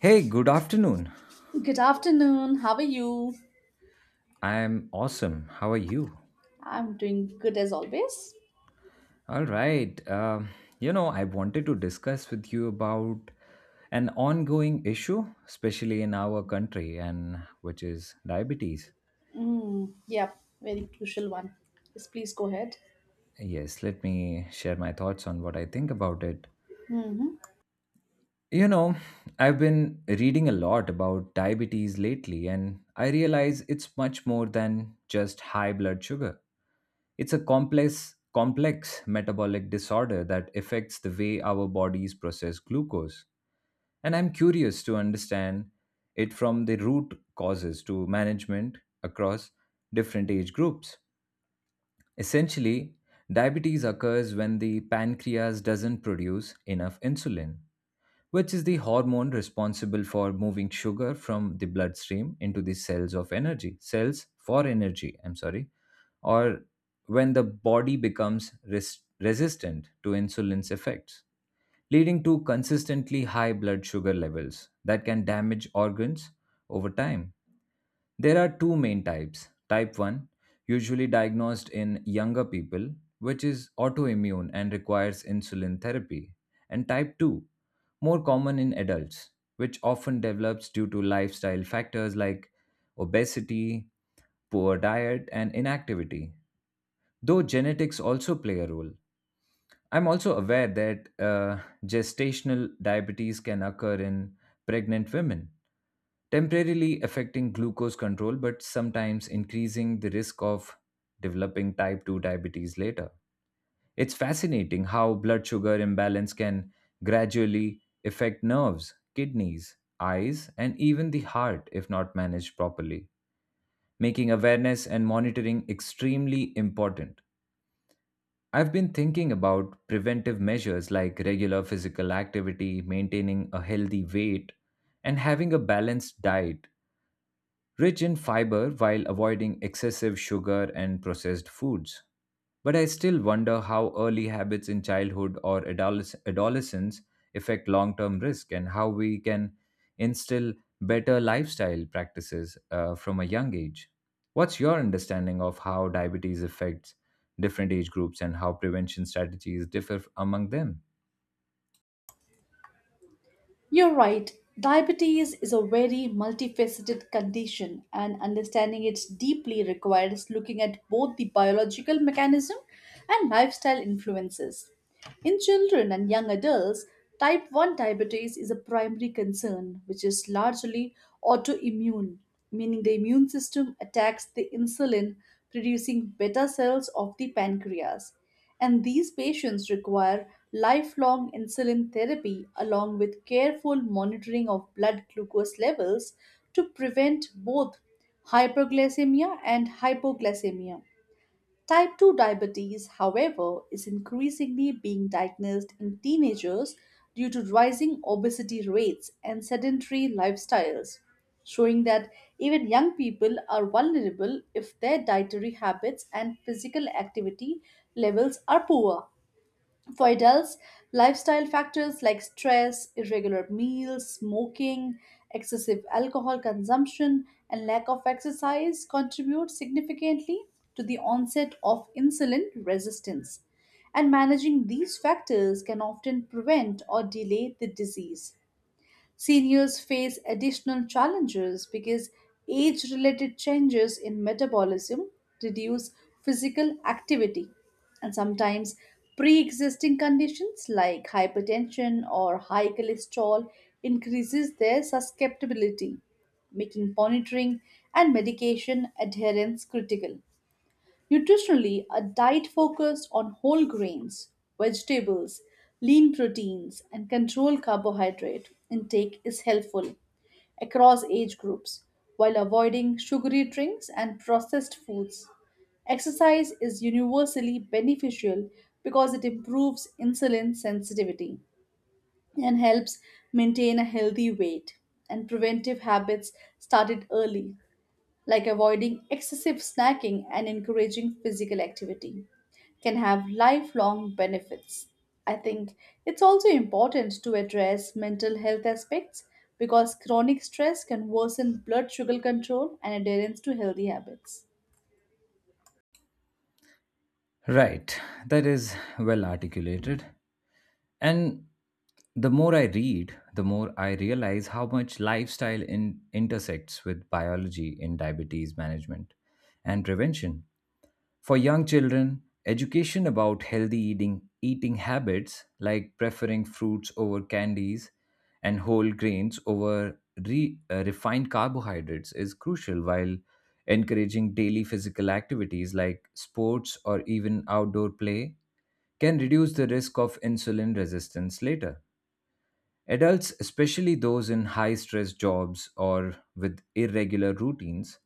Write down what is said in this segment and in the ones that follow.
Hey, good afternoon. Good afternoon. How are you? I'm awesome. How are you? I'm doing good as always. All right. I wanted to discuss with you about an ongoing issue, especially in our country, and which is diabetes. Mm, yeah, very crucial one. Yes, please go ahead. Yes, let me share my thoughts on what I think about it. Hmm. You know, I've been reading a lot about diabetes lately, and I realize it's much more than just high blood sugar. It's a complex, complex metabolic disorder that affects the way our bodies process glucose. And I'm curious to understand it from the root causes to management across different age groups. Essentially, diabetes occurs when the pancreas doesn't produce enough insulin, which is the hormone responsible for moving sugar from the bloodstream into the cells of energy, cells for energy, I'm sorry, or when the body becomes resistant to insulin's effects, leading to consistently high blood sugar levels that can damage organs over time. There are two main types. Type 1, usually diagnosed in younger people, which is autoimmune and requires insulin therapy, and type 2, more common in adults, which often develops due to lifestyle factors like obesity, poor diet, and inactivity. Though genetics also play a role, I'm also aware that gestational diabetes can occur in pregnant women, temporarily affecting glucose control, but sometimes increasing the risk of developing type 2 diabetes later. It's fascinating how blood sugar imbalance can gradually affect nerves, kidneys, eyes, and even the heart if not managed properly, making awareness and monitoring extremely important. I've been thinking about preventive measures like regular physical activity, maintaining a healthy weight, and having a balanced diet rich in fiber while avoiding excessive sugar and processed foods. But I still wonder how early habits in childhood or adolescence affect long term risk and how we can instill better lifestyle practices from a young age. What's your understanding of how diabetes affects different age groups and how prevention strategies differ among them? You're right. Diabetes is a very multifaceted condition, and understanding it deeply requires looking at both the biological mechanism and lifestyle influences. In children and young adults, type 1 diabetes is a primary concern, which is largely autoimmune, meaning the immune system attacks the insulin producing beta cells of the pancreas. And these patients require lifelong insulin therapy along with careful monitoring of blood glucose levels to prevent both hyperglycemia and hypoglycemia. Type 2 diabetes, however, is increasingly being diagnosed in teenagers due to rising obesity rates and sedentary lifestyles, showing that even young people are vulnerable if their dietary habits and physical activity levels are poor. For adults, lifestyle factors like stress, irregular meals, smoking, excessive alcohol consumption, and lack of exercise contribute significantly to the onset of insulin resistance. And managing these factors can often prevent or delay the disease. Seniors face additional challenges because age related changes in metabolism reduce physical activity, and sometimes pre existing conditions like hypertension or high cholesterol increases their susceptibility, making monitoring and medication adherence critical. Nutritionally, a diet focused on whole grains, vegetables, lean proteins, and controlled carbohydrate intake is helpful across age groups while avoiding sugary drinks and processed foods. Exercise is universally beneficial because it improves insulin sensitivity and helps maintain a healthy weight, and preventive habits started early, like avoiding excessive snacking and encouraging physical activity, can have lifelong benefits. I think it's also important to address mental health aspects because chronic stress can worsen blood sugar control and adherence to healthy habits. Right, that is well articulated. And the more I read, the more I realize how much lifestyle intersects with biology in diabetes management and prevention. For young children, education about healthy eating, eating habits like preferring fruits over candies and whole grains over refined carbohydrates is crucial, while encouraging daily physical activities like sports or even outdoor play can reduce the risk of insulin resistance later. Adults, especially those in high stress jobs or with irregular routines,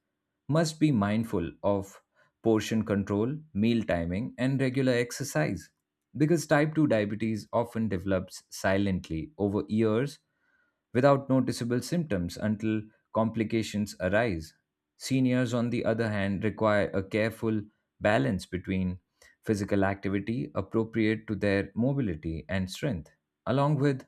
must be mindful of portion control, meal timing, and regular exercise because type 2 diabetes often develops silently over years without noticeable symptoms until complications arise. Seniors, on the other hand, require a careful balance between physical activity appropriate to their mobility and strength, along with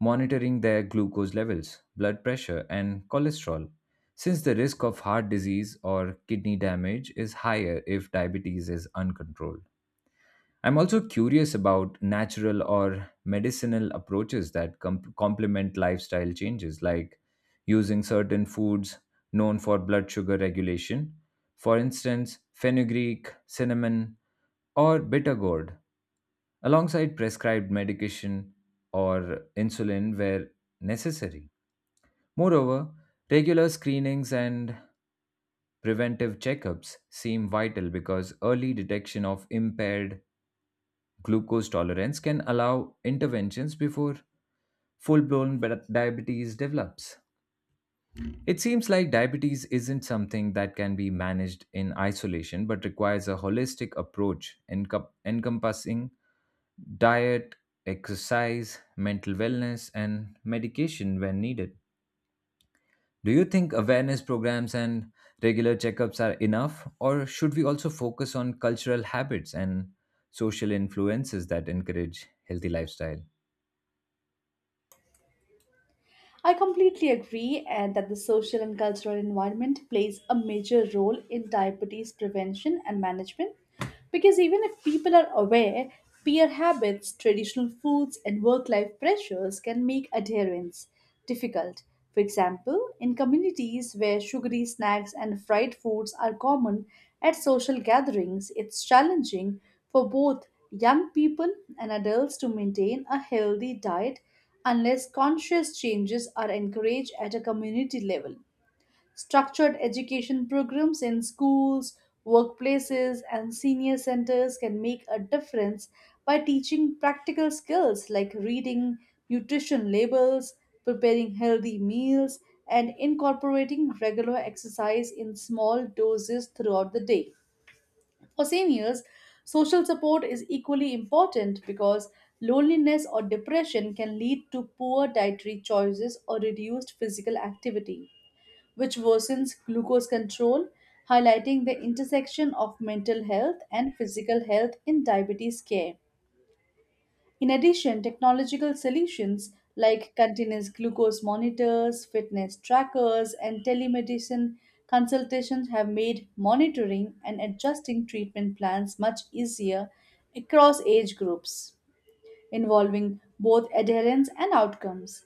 monitoring their glucose levels, blood pressure, and cholesterol, since the risk of heart disease or kidney damage is higher if diabetes is uncontrolled. I'm also curious about natural or medicinal approaches that complement lifestyle changes, like using certain foods known for blood sugar regulation, for instance, fenugreek, cinnamon, or bitter gourd alongside prescribed medication or insulin where necessary. Moreover, regular screenings and preventive checkups seem vital because early detection of impaired glucose tolerance can allow interventions before full blown diabetes develops. It seems like diabetes isn't something that can be managed in isolation but requires a holistic approach encompassing diet, exercise, mental wellness, and medication when needed. Do you think awareness programs and regular checkups are enough, or should we also focus on cultural habits and social influences that encourage healthy lifestyle? I completely agree, and that the social and cultural environment plays a major role in diabetes prevention and management, because even if people are aware, peer habits, traditional foods, and work life pressures can make adherence difficult. For example, in communities where sugary snacks and fried foods are common at social gatherings, it's challenging for both young people and adults to maintain a healthy diet unless conscious changes are encouraged at a community level. Structured education programs in schools, workplaces, and senior centers can make a difference by teaching practical skills like reading nutrition labels, preparing healthy meals, and incorporating regular exercise in small doses throughout the day. For seniors, social support is equally important because loneliness or depression can lead to poor dietary choices or reduced physical activity, which worsens glucose control, highlighting the intersection of mental health and physical health in diabetes care. In addition, technological solutions like continuous glucose monitors, fitness trackers, and telemedicine consultations have made monitoring and adjusting treatment plans much easier across age groups, involving both adherence and outcomes.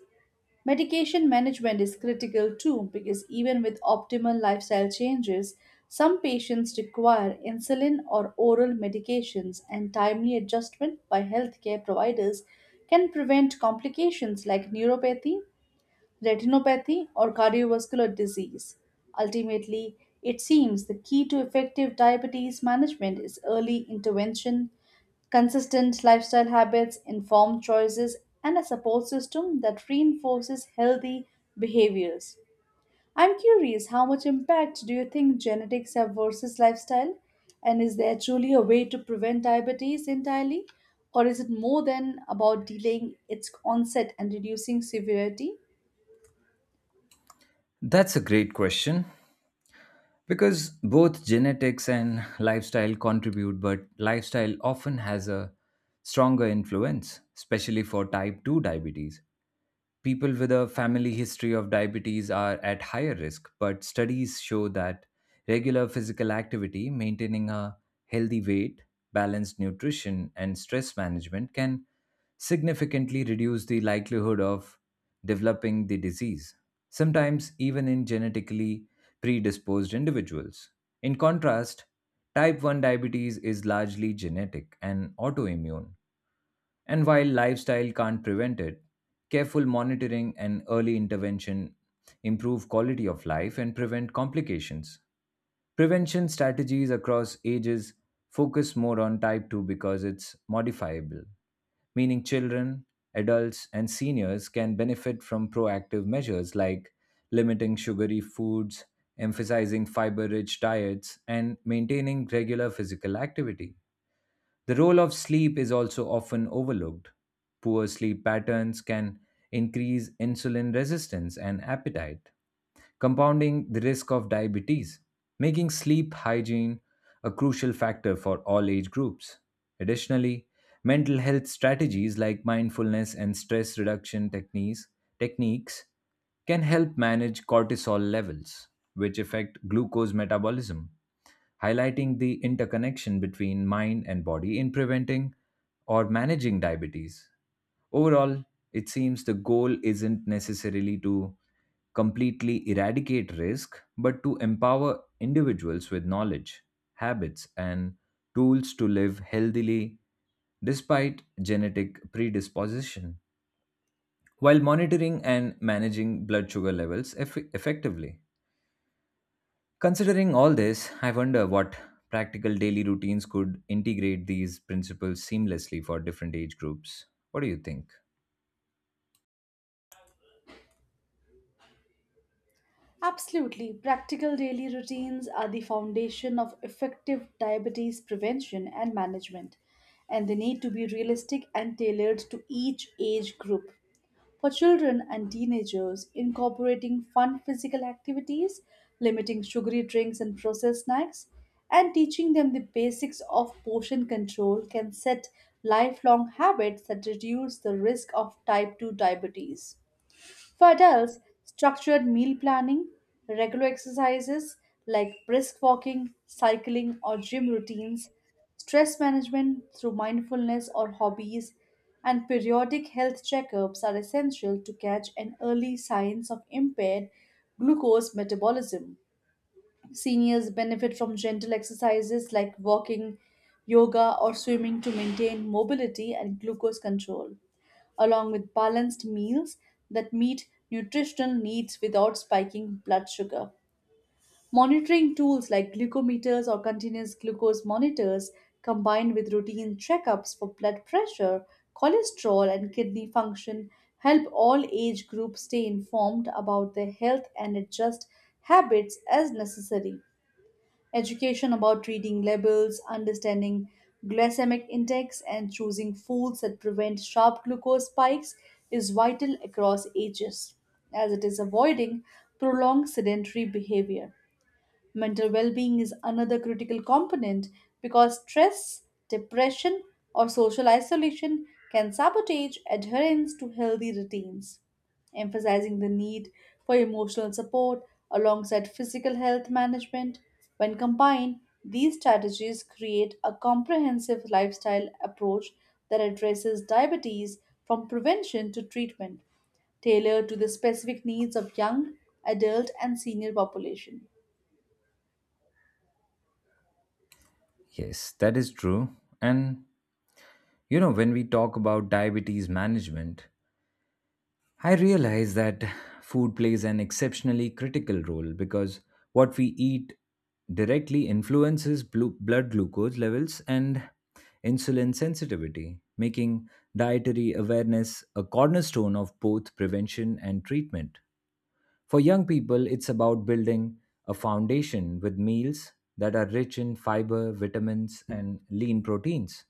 Medication management is critical too, because even with optimal lifestyle changes, some patients require insulin or oral medications, and timely adjustment by healthcare providers can prevent complications like neuropathy, retinopathy, or cardiovascular disease. Ultimately, it seems the key to effective diabetes management is early intervention, consistent lifestyle habits, informed choices, and a support system that reinforces healthy behaviors. I'm curious, how much impact do you think genetics have versus lifestyle? And is there truly a way to prevent diabetes entirely? Or is it more than about delaying its onset and reducing severity? That's a great question because both genetics and lifestyle contribute, but lifestyle often has a stronger influence, especially for type 2 diabetes. People with a family history of diabetes are at higher risk, but studies show that regular physical activity, maintaining a healthy weight, balanced nutrition, and stress management can significantly reduce the likelihood of developing the disease, sometimes even in genetically predisposed individuals. In contrast, type 1 diabetes is largely genetic and autoimmune, and while lifestyle can't prevent it, careful monitoring and early intervention improve quality of life and prevent complications. Prevention strategies across ages focus more on type 2 because it's modifiable meaning children, adults, and seniors can benefit from proactive measures like limiting sugary foods, emphasizing fiber rich diets, and maintaining regular physical activity. The role of sleep is also often overlooked. Poor sleep patterns can increase insulin resistance and appetite, compounding the risk of diabetes, making sleep hygiene a crucial factor for all age groups. Additionally, mental health strategies like mindfulness and stress reduction techniques can help manage cortisol levels, which affect glucose metabolism, highlighting the interconnection between mind and body in preventing or managing diabetes. Overall, it seems the goal isn't necessarily to completely eradicate risk, but to empower individuals with knowledge, habits, and tools to live healthily despite genetic predisposition while monitoring and managing blood sugar levels effectively. Considering all this, I wonder what practical daily routines could integrate these principles seamlessly for different age groups. What do you think? Absolutely. Practical daily routines are the foundation of effective diabetes prevention and management, and they need to be realistic and tailored to each age group. For children and teenagers, incorporating fun physical activities, limiting sugary drinks and processed snacks, and teaching them the basics of portion control can set lifelong habits that reduce the risk of type 2 diabetes. For adults, structured meal planning, regular exercises like brisk walking, cycling, or gym routines, stress management through mindfulness or hobbies, and periodic health checkups are essential to catch an early signs of impaired glucose metabolism. Seniors benefit from gentle exercises like walking, yoga, or swimming to maintain mobility and glucose control, along with balanced meals that meet nutritional needs without spiking blood sugar. Monitoring tools like glucometers or continuous glucose monitors, combined with routine checkups for blood pressure, cholesterol, and kidney function, help all age groups stay informed about their health and adjust habits as necessary. Education about reading labels, understanding glycemic index, and choosing foods that prevent sharp glucose spikes is vital across ages, as it is avoiding prolonged sedentary behavior. Mental well being is another critical component because stress, depression, or social isolation can sabotage adherence to healthy routines. Emphasizing the need for emotional support alongside physical health management, when combined, these strategies create a comprehensive lifestyle approach that addresses diabetes from prevention to treatment, tailored to the specific needs of young, adult, and senior population. Yes, that is true. And when we talk about diabetes management, I realize that food plays an exceptionally critical role because what we eat directly influences blood glucose levels and insulin sensitivity, making dietary awareness a cornerstone of both prevention and treatment. For young people, it's about building a foundation with meals that are rich in fiber, vitamins, and lean proteins,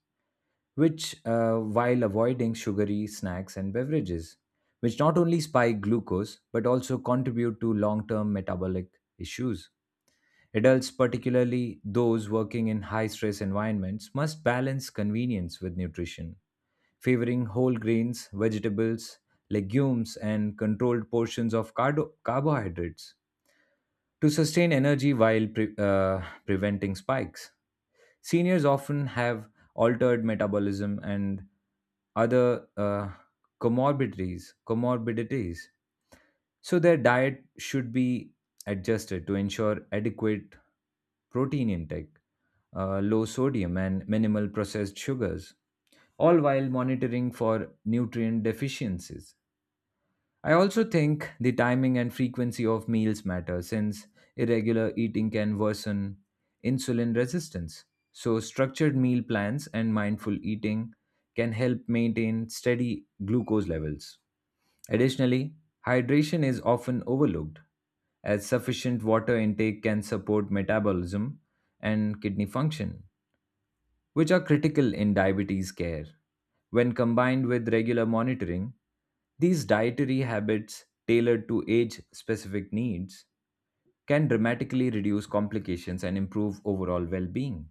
which while avoiding sugary snacks and beverages, which not only spike glucose but also contribute to long term metabolic issues. Adults, particularly those working in high stress environments, must balance convenience with nutrition, favoring whole grains, vegetables, legumes, and controlled portions of carbohydrates to sustain energy while preventing spikes. Seniors often have altered metabolism and other comorbidities. So their diet should be adjusted to ensure adequate protein intake, low sodium and minimal processed sugars, all while monitoring for nutrient deficiencies. I also think the timing and frequency of meals matter since irregular eating can worsen insulin resistance. So, structured meal plans and mindful eating can help maintain steady glucose levels. Additionally, hydration is often overlooked, as sufficient water intake can support metabolism and kidney function, which are critical in diabetes care. When combined with regular monitoring, these dietary habits tailored to age specific needs can dramatically reduce complications and improve overall well being.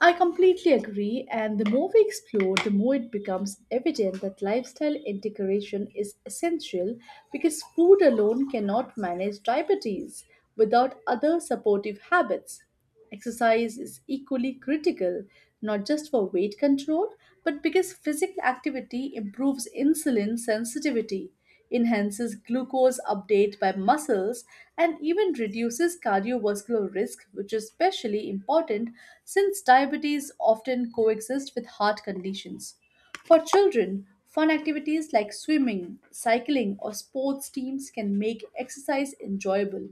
I completely agree, and the more we explore, the more it becomes evident that lifestyle integration is essential, because food alone cannot manage diabetes without other supportive habits. Exercise is equally critical, not just for weight control, but because physical activity improves insulin sensitivity, enhances glucose uptake by muscles, and even reduces cardiovascular risk, which is especially important since diabetes often coexist with heart conditions. For children, fun activities like swimming, cycling, or sports teams can make exercise enjoyable,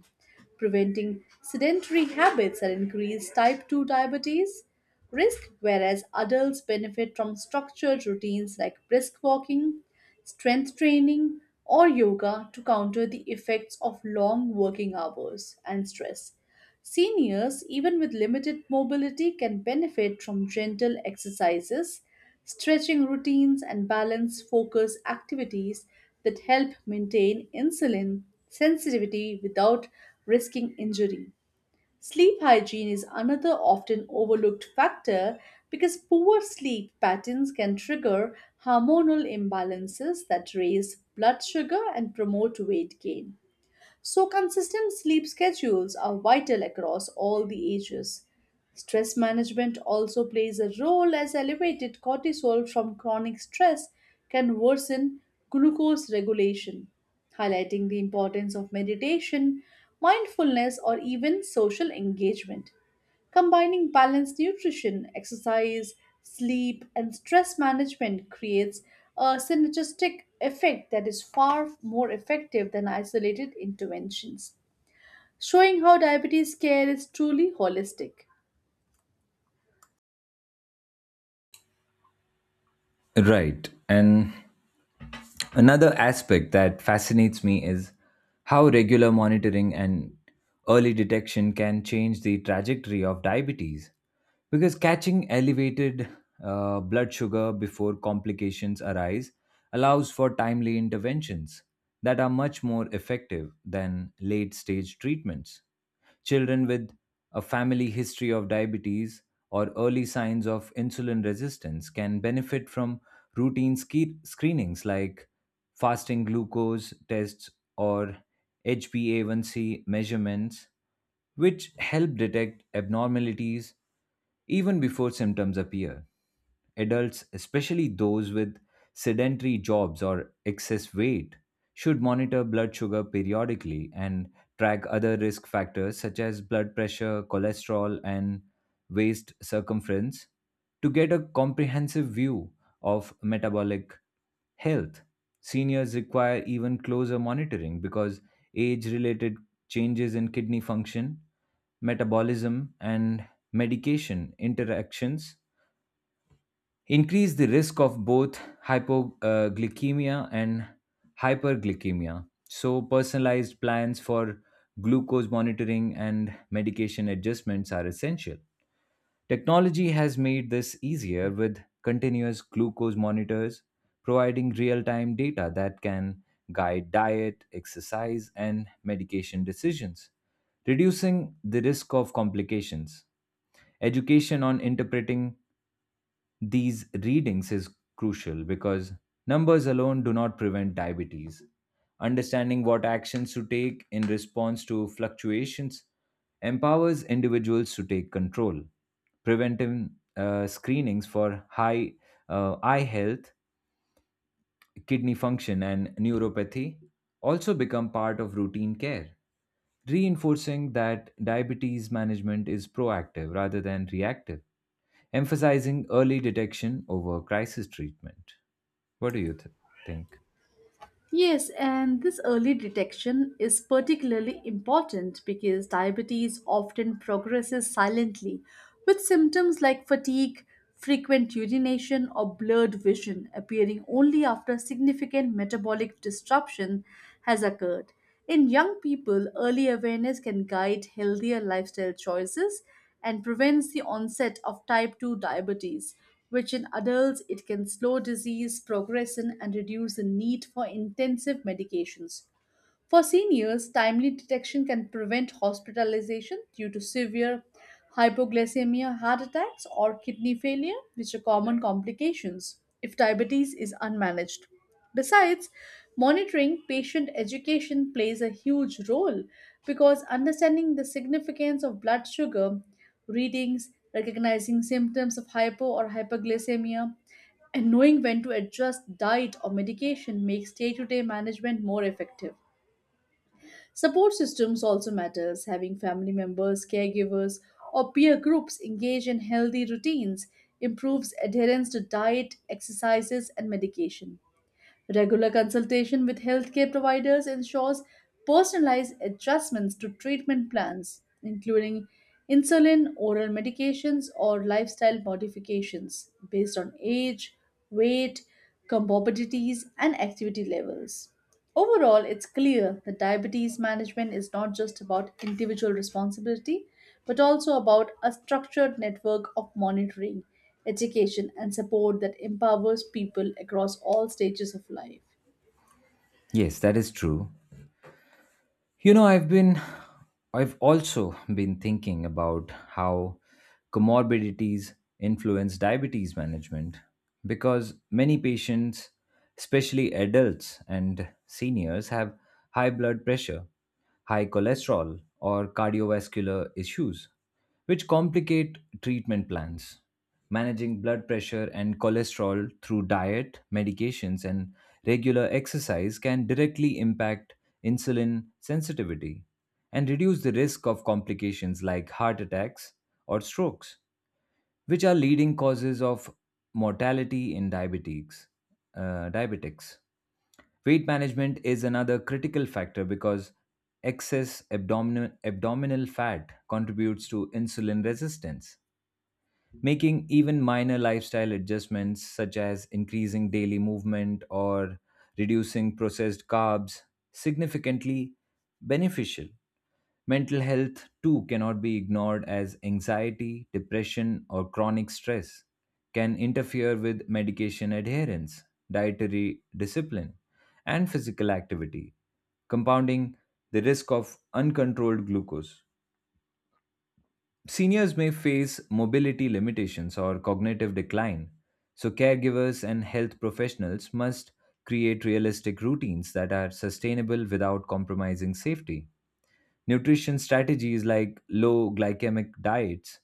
preventing sedentary habits and increased type 2 diabetes risk, whereas adults benefit from structured routines like brisk walking, strength training, or yoga to counter the effects of long working hours and stress. Seniors, even with limited mobility, can benefit from gentle exercises, stretching routines, and balance focus activities that help maintain insulin sensitivity without risking injury. Sleep hygiene is another often overlooked factor because poor sleep patterns can trigger hormonal imbalances that raise blood sugar and promote weight gain. So, consistent sleep schedules are vital across all the ages. Stress management also plays a role, as elevated cortisol from chronic stress can worsen glucose regulation, highlighting the importance of meditation, mindfulness, or even social engagement. Combining balanced nutrition, exercise, sleep, and stress management creates a synergistic effect that is far more effective than isolated interventions, showing how diabetes care is truly holistic. Right. And another aspect that fascinates me is how regular monitoring and early detection can change the trajectory of diabetes, because catching elevated blood sugar before complications arise allows for timely interventions that are much more effective than late stage treatments. Children with a family history of diabetes or early signs of insulin resistance can benefit from routine screenings like fasting glucose tests or HbA1c measurements which help detect abnormalities even before symptoms appear. Adults, especially those with sedentary jobs or excess weight, should monitor blood sugar periodically and track other risk factors such as blood pressure, cholesterol, and waist circumference to get a comprehensive view of metabolic health. Seniors require even closer monitoring because age related changes in kidney function, metabolism, and medication interactions increase the risk of both hypoglycemia and hyperglycemia. So, personalized plans for glucose monitoring and medication adjustments are essential. Technology has made this easier with continuous glucose monitors, providing real time data that can guide diet, exercise, and medication decisions, reducing the risk of complications. Education on interpreting these readings is crucial because numbers alone do not prevent diabetes. Understanding what actions to take in response to fluctuations empowers individuals to take control. Preventive screenings for high eye health, kidney function, and neuropathy also become part of routine care, reinforcing that diabetes management is proactive rather than reactive, emphasizing early detection over crisis treatment. What do you think? Yes, and this early detection is particularly important because diabetes often progresses silently, with symptoms like fatigue, frequent urination, or blurred vision appearing only after significant metabolic disruption has occurred. In young people, early awareness can guide healthier lifestyle choices and prevents the onset of type 2 diabetes, which in adults it can slow disease progression and reduce the need for intensive medications. For seniors, timely detection can prevent hospitalization due to severe hypoglycemia, heart attacks, or kidney failure, which are common complications if diabetes is unmanaged. Besides, monitoring patient education plays a huge role because understanding the significance of blood sugar readings, recognizing symptoms of hypo or hyperglycemia, and knowing when to adjust diet or medication makes day to day management more effective. Support systems also matters. Having family members, caregivers, or peer groups engage in healthy routines improves adherence to diet, exercises, and medication. Regular consultation with healthcare providers ensures personalized adjustments to treatment plans, including insulin, oral medications, or lifestyle modifications based on age, weight, comorbidities, and activity levels. Overall, it's clear that diabetes management is not just about individual responsibility, but also about a structured network of monitoring, education, and support that empowers people across all stages of life. Yes, that is true. You know, I've been, I've also been thinking about how comorbidities influence diabetes management because many patients, especially adults and seniors, have high blood pressure, high cholesterol, or cardiovascular issues, which complicate treatment plans. Managing blood pressure and cholesterol through diet, medications, and regular exercise can directly impact insulin sensitivity and reduce the risk of complications like heart attacks or strokes, which are leading causes of mortality in diabetics. Weight management is another critical factor because excess abdominal fat contributes to insulin resistance, making even minor lifestyle adjustments such as increasing daily movement or reducing processed carbs significantly beneficial. Mental health, too, cannot be ignored as anxiety, depression, or chronic stress can interfere with medication adherence, dietary discipline, and physical activity, compounding the risk of uncontrolled glucose. Seniors may face mobility limitations or cognitive decline, so caregivers and health professionals must create realistic routines that are sustainable without compromising safety. Nutrition strategies like low glycemic diets,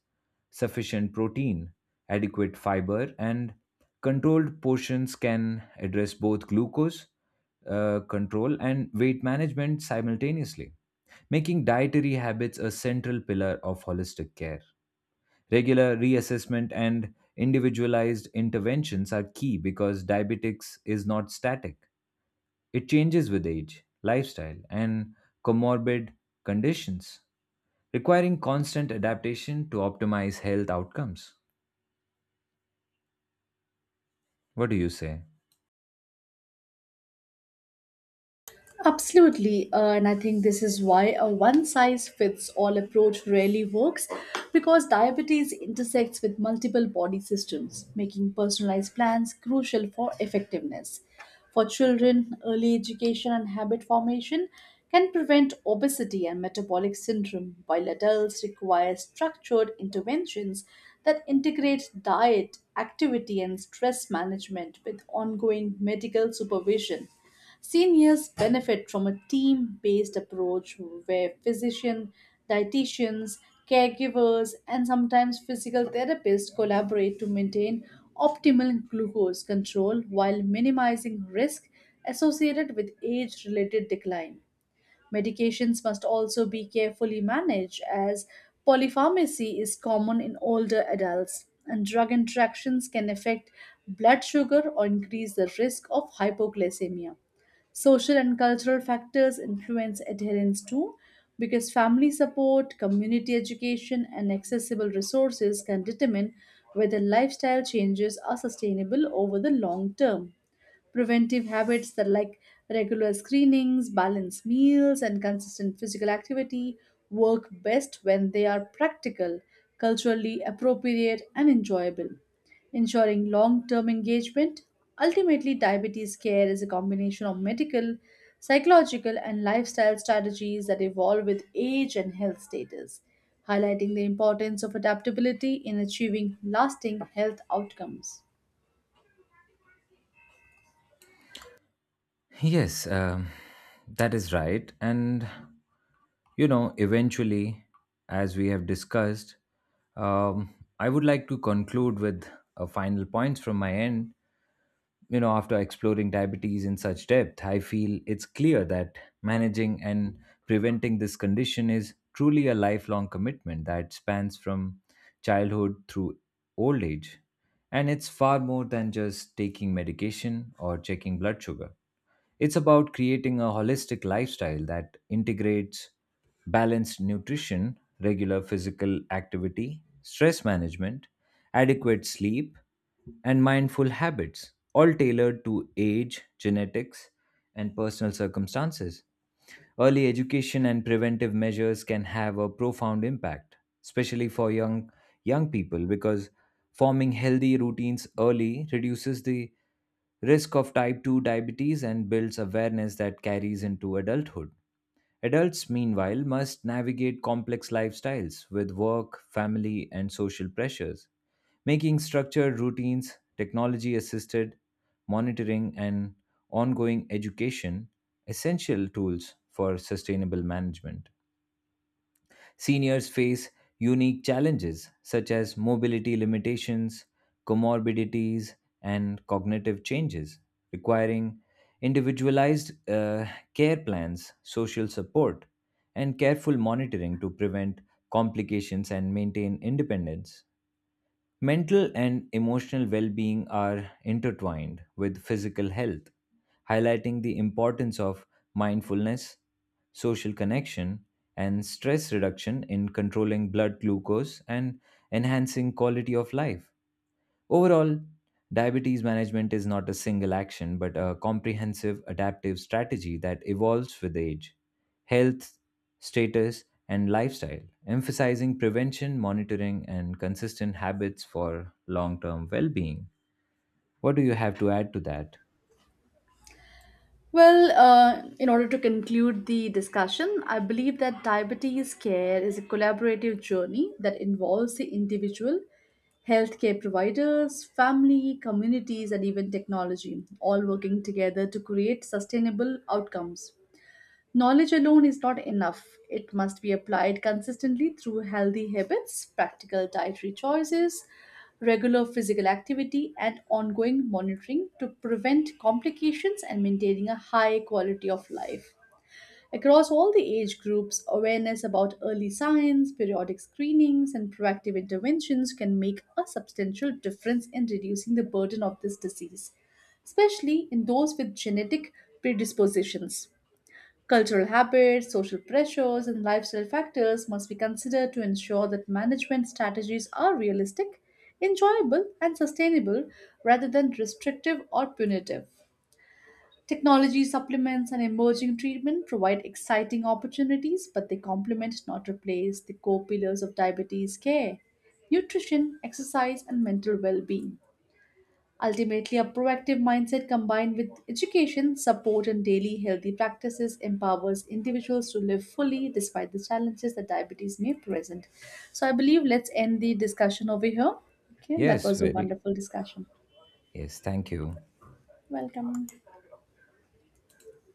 sufficient protein, adequate fiber, and controlled portions can address both glucose control and weight management simultaneously, making dietary habits a central pillar of holistic care. Regular reassessment and individualized interventions are key because diabetics is not static. It changes with age, lifestyle, and comorbid conditions, requiring constant adaptation to optimize health outcomes. What do you say? Absolutely, and I think this is why a one size fits all approach rarely works, because diabetes intersects with multiple body systems, making personalized plans crucial for effectiveness. For children, early education and habit formation can prevent obesity and metabolic syndrome, while adults require structured interventions that integrate diet, activity, and stress management with ongoing medical supervision. Seniors benefit from a team based approach where physicians, dietitians, caregivers, and sometimes physical therapists collaborate to maintain optimal glucose control while minimizing risk associated with age related decline. Medications must also be carefully managed, as polypharmacy is common in older adults, and drug interactions can affect blood sugar or increase the risk of hypoglycemia. Social and cultural factors influence adherence too, because family support, community education, and accessible resources can determine whether lifestyle changes are sustainable over the long term. Preventive habits that like regular screenings, balanced meals, and consistent physical activity work best when they are practical, culturally appropriate, and enjoyable, ensuring long term engagement. Ultimately, diabetes care is a combination of medical, psychological, and lifestyle strategies that evolve with age and health status, highlighting the importance of adaptability in achieving lasting health outcomes. Yes, that is right. And, eventually, as we have discussed, um, I would like to conclude with a final points from my end. After exploring diabetes in such depth, I feel it's clear that managing and preventing this condition is truly a lifelong commitment that spans from childhood through old age. And it's far more than just taking medication or checking blood sugar. It's about creating a holistic lifestyle that integrates balanced nutrition, regular physical activity, stress management, adequate sleep, and mindful habits, all tailored to age, genetics, and personal circumstances. Early education and preventive measures can have a profound impact, especially for young people, because forming healthy routines early reduces the risk of type 2 diabetes and builds awareness that carries into adulthood. Adults, meanwhile, must navigate complex lifestyles with work, family, and social pressures. Making structured routines, technology assisted monitoring, and ongoing education essential tools for sustainable management. Seniors face unique challenges such as mobility limitations, comorbidities, and cognitive changes, requiring individualized care plans, social support, and careful monitoring to prevent complications and maintain independence. Mental and emotional well being are intertwined with physical health, highlighting the importance of mindfulness, social connection, and stress reduction in controlling blood glucose and enhancing quality of life. Overall, diabetes management is not a single action, but a comprehensive adaptive strategy that evolves with age, health, status, and lifestyle, emphasizing prevention, monitoring, and consistent habits for long term well being. What do you have to add to that? Well, in order to conclude the discussion, I believe that diabetes care is a collaborative journey that involves the individual, healthcare providers, family, communities, and even technology, all working together to create sustainable outcomes. Knowledge alone is not enough. It must be applied consistently through healthy habits, practical dietary choices, regular physical activity, and ongoing monitoring to prevent complications and maintaining a high quality of life. Across all the age groups, awareness about early signs, periodic screenings, and proactive interventions can make a substantial difference in reducing the burden of this disease, especially in those with genetic predispositions. Cultural habits, social pressures, and lifestyle factors must be considered to ensure that management strategies are realistic, enjoyable, and sustainable rather than restrictive or punitive. Technology supplements and emerging treatment provide exciting opportunities, but they complement, not replace, the core pillars of diabetes care: nutrition, exercise, and mental well being. Ultimately, a proactive mindset combined with education, support, and daily healthy practices empowers individuals to live fully despite the challenges that diabetes may present. So, I believe let's end the discussion over here. Okay, that Yes, was a very. wonderful discussion. Yes, thank you. Welcome.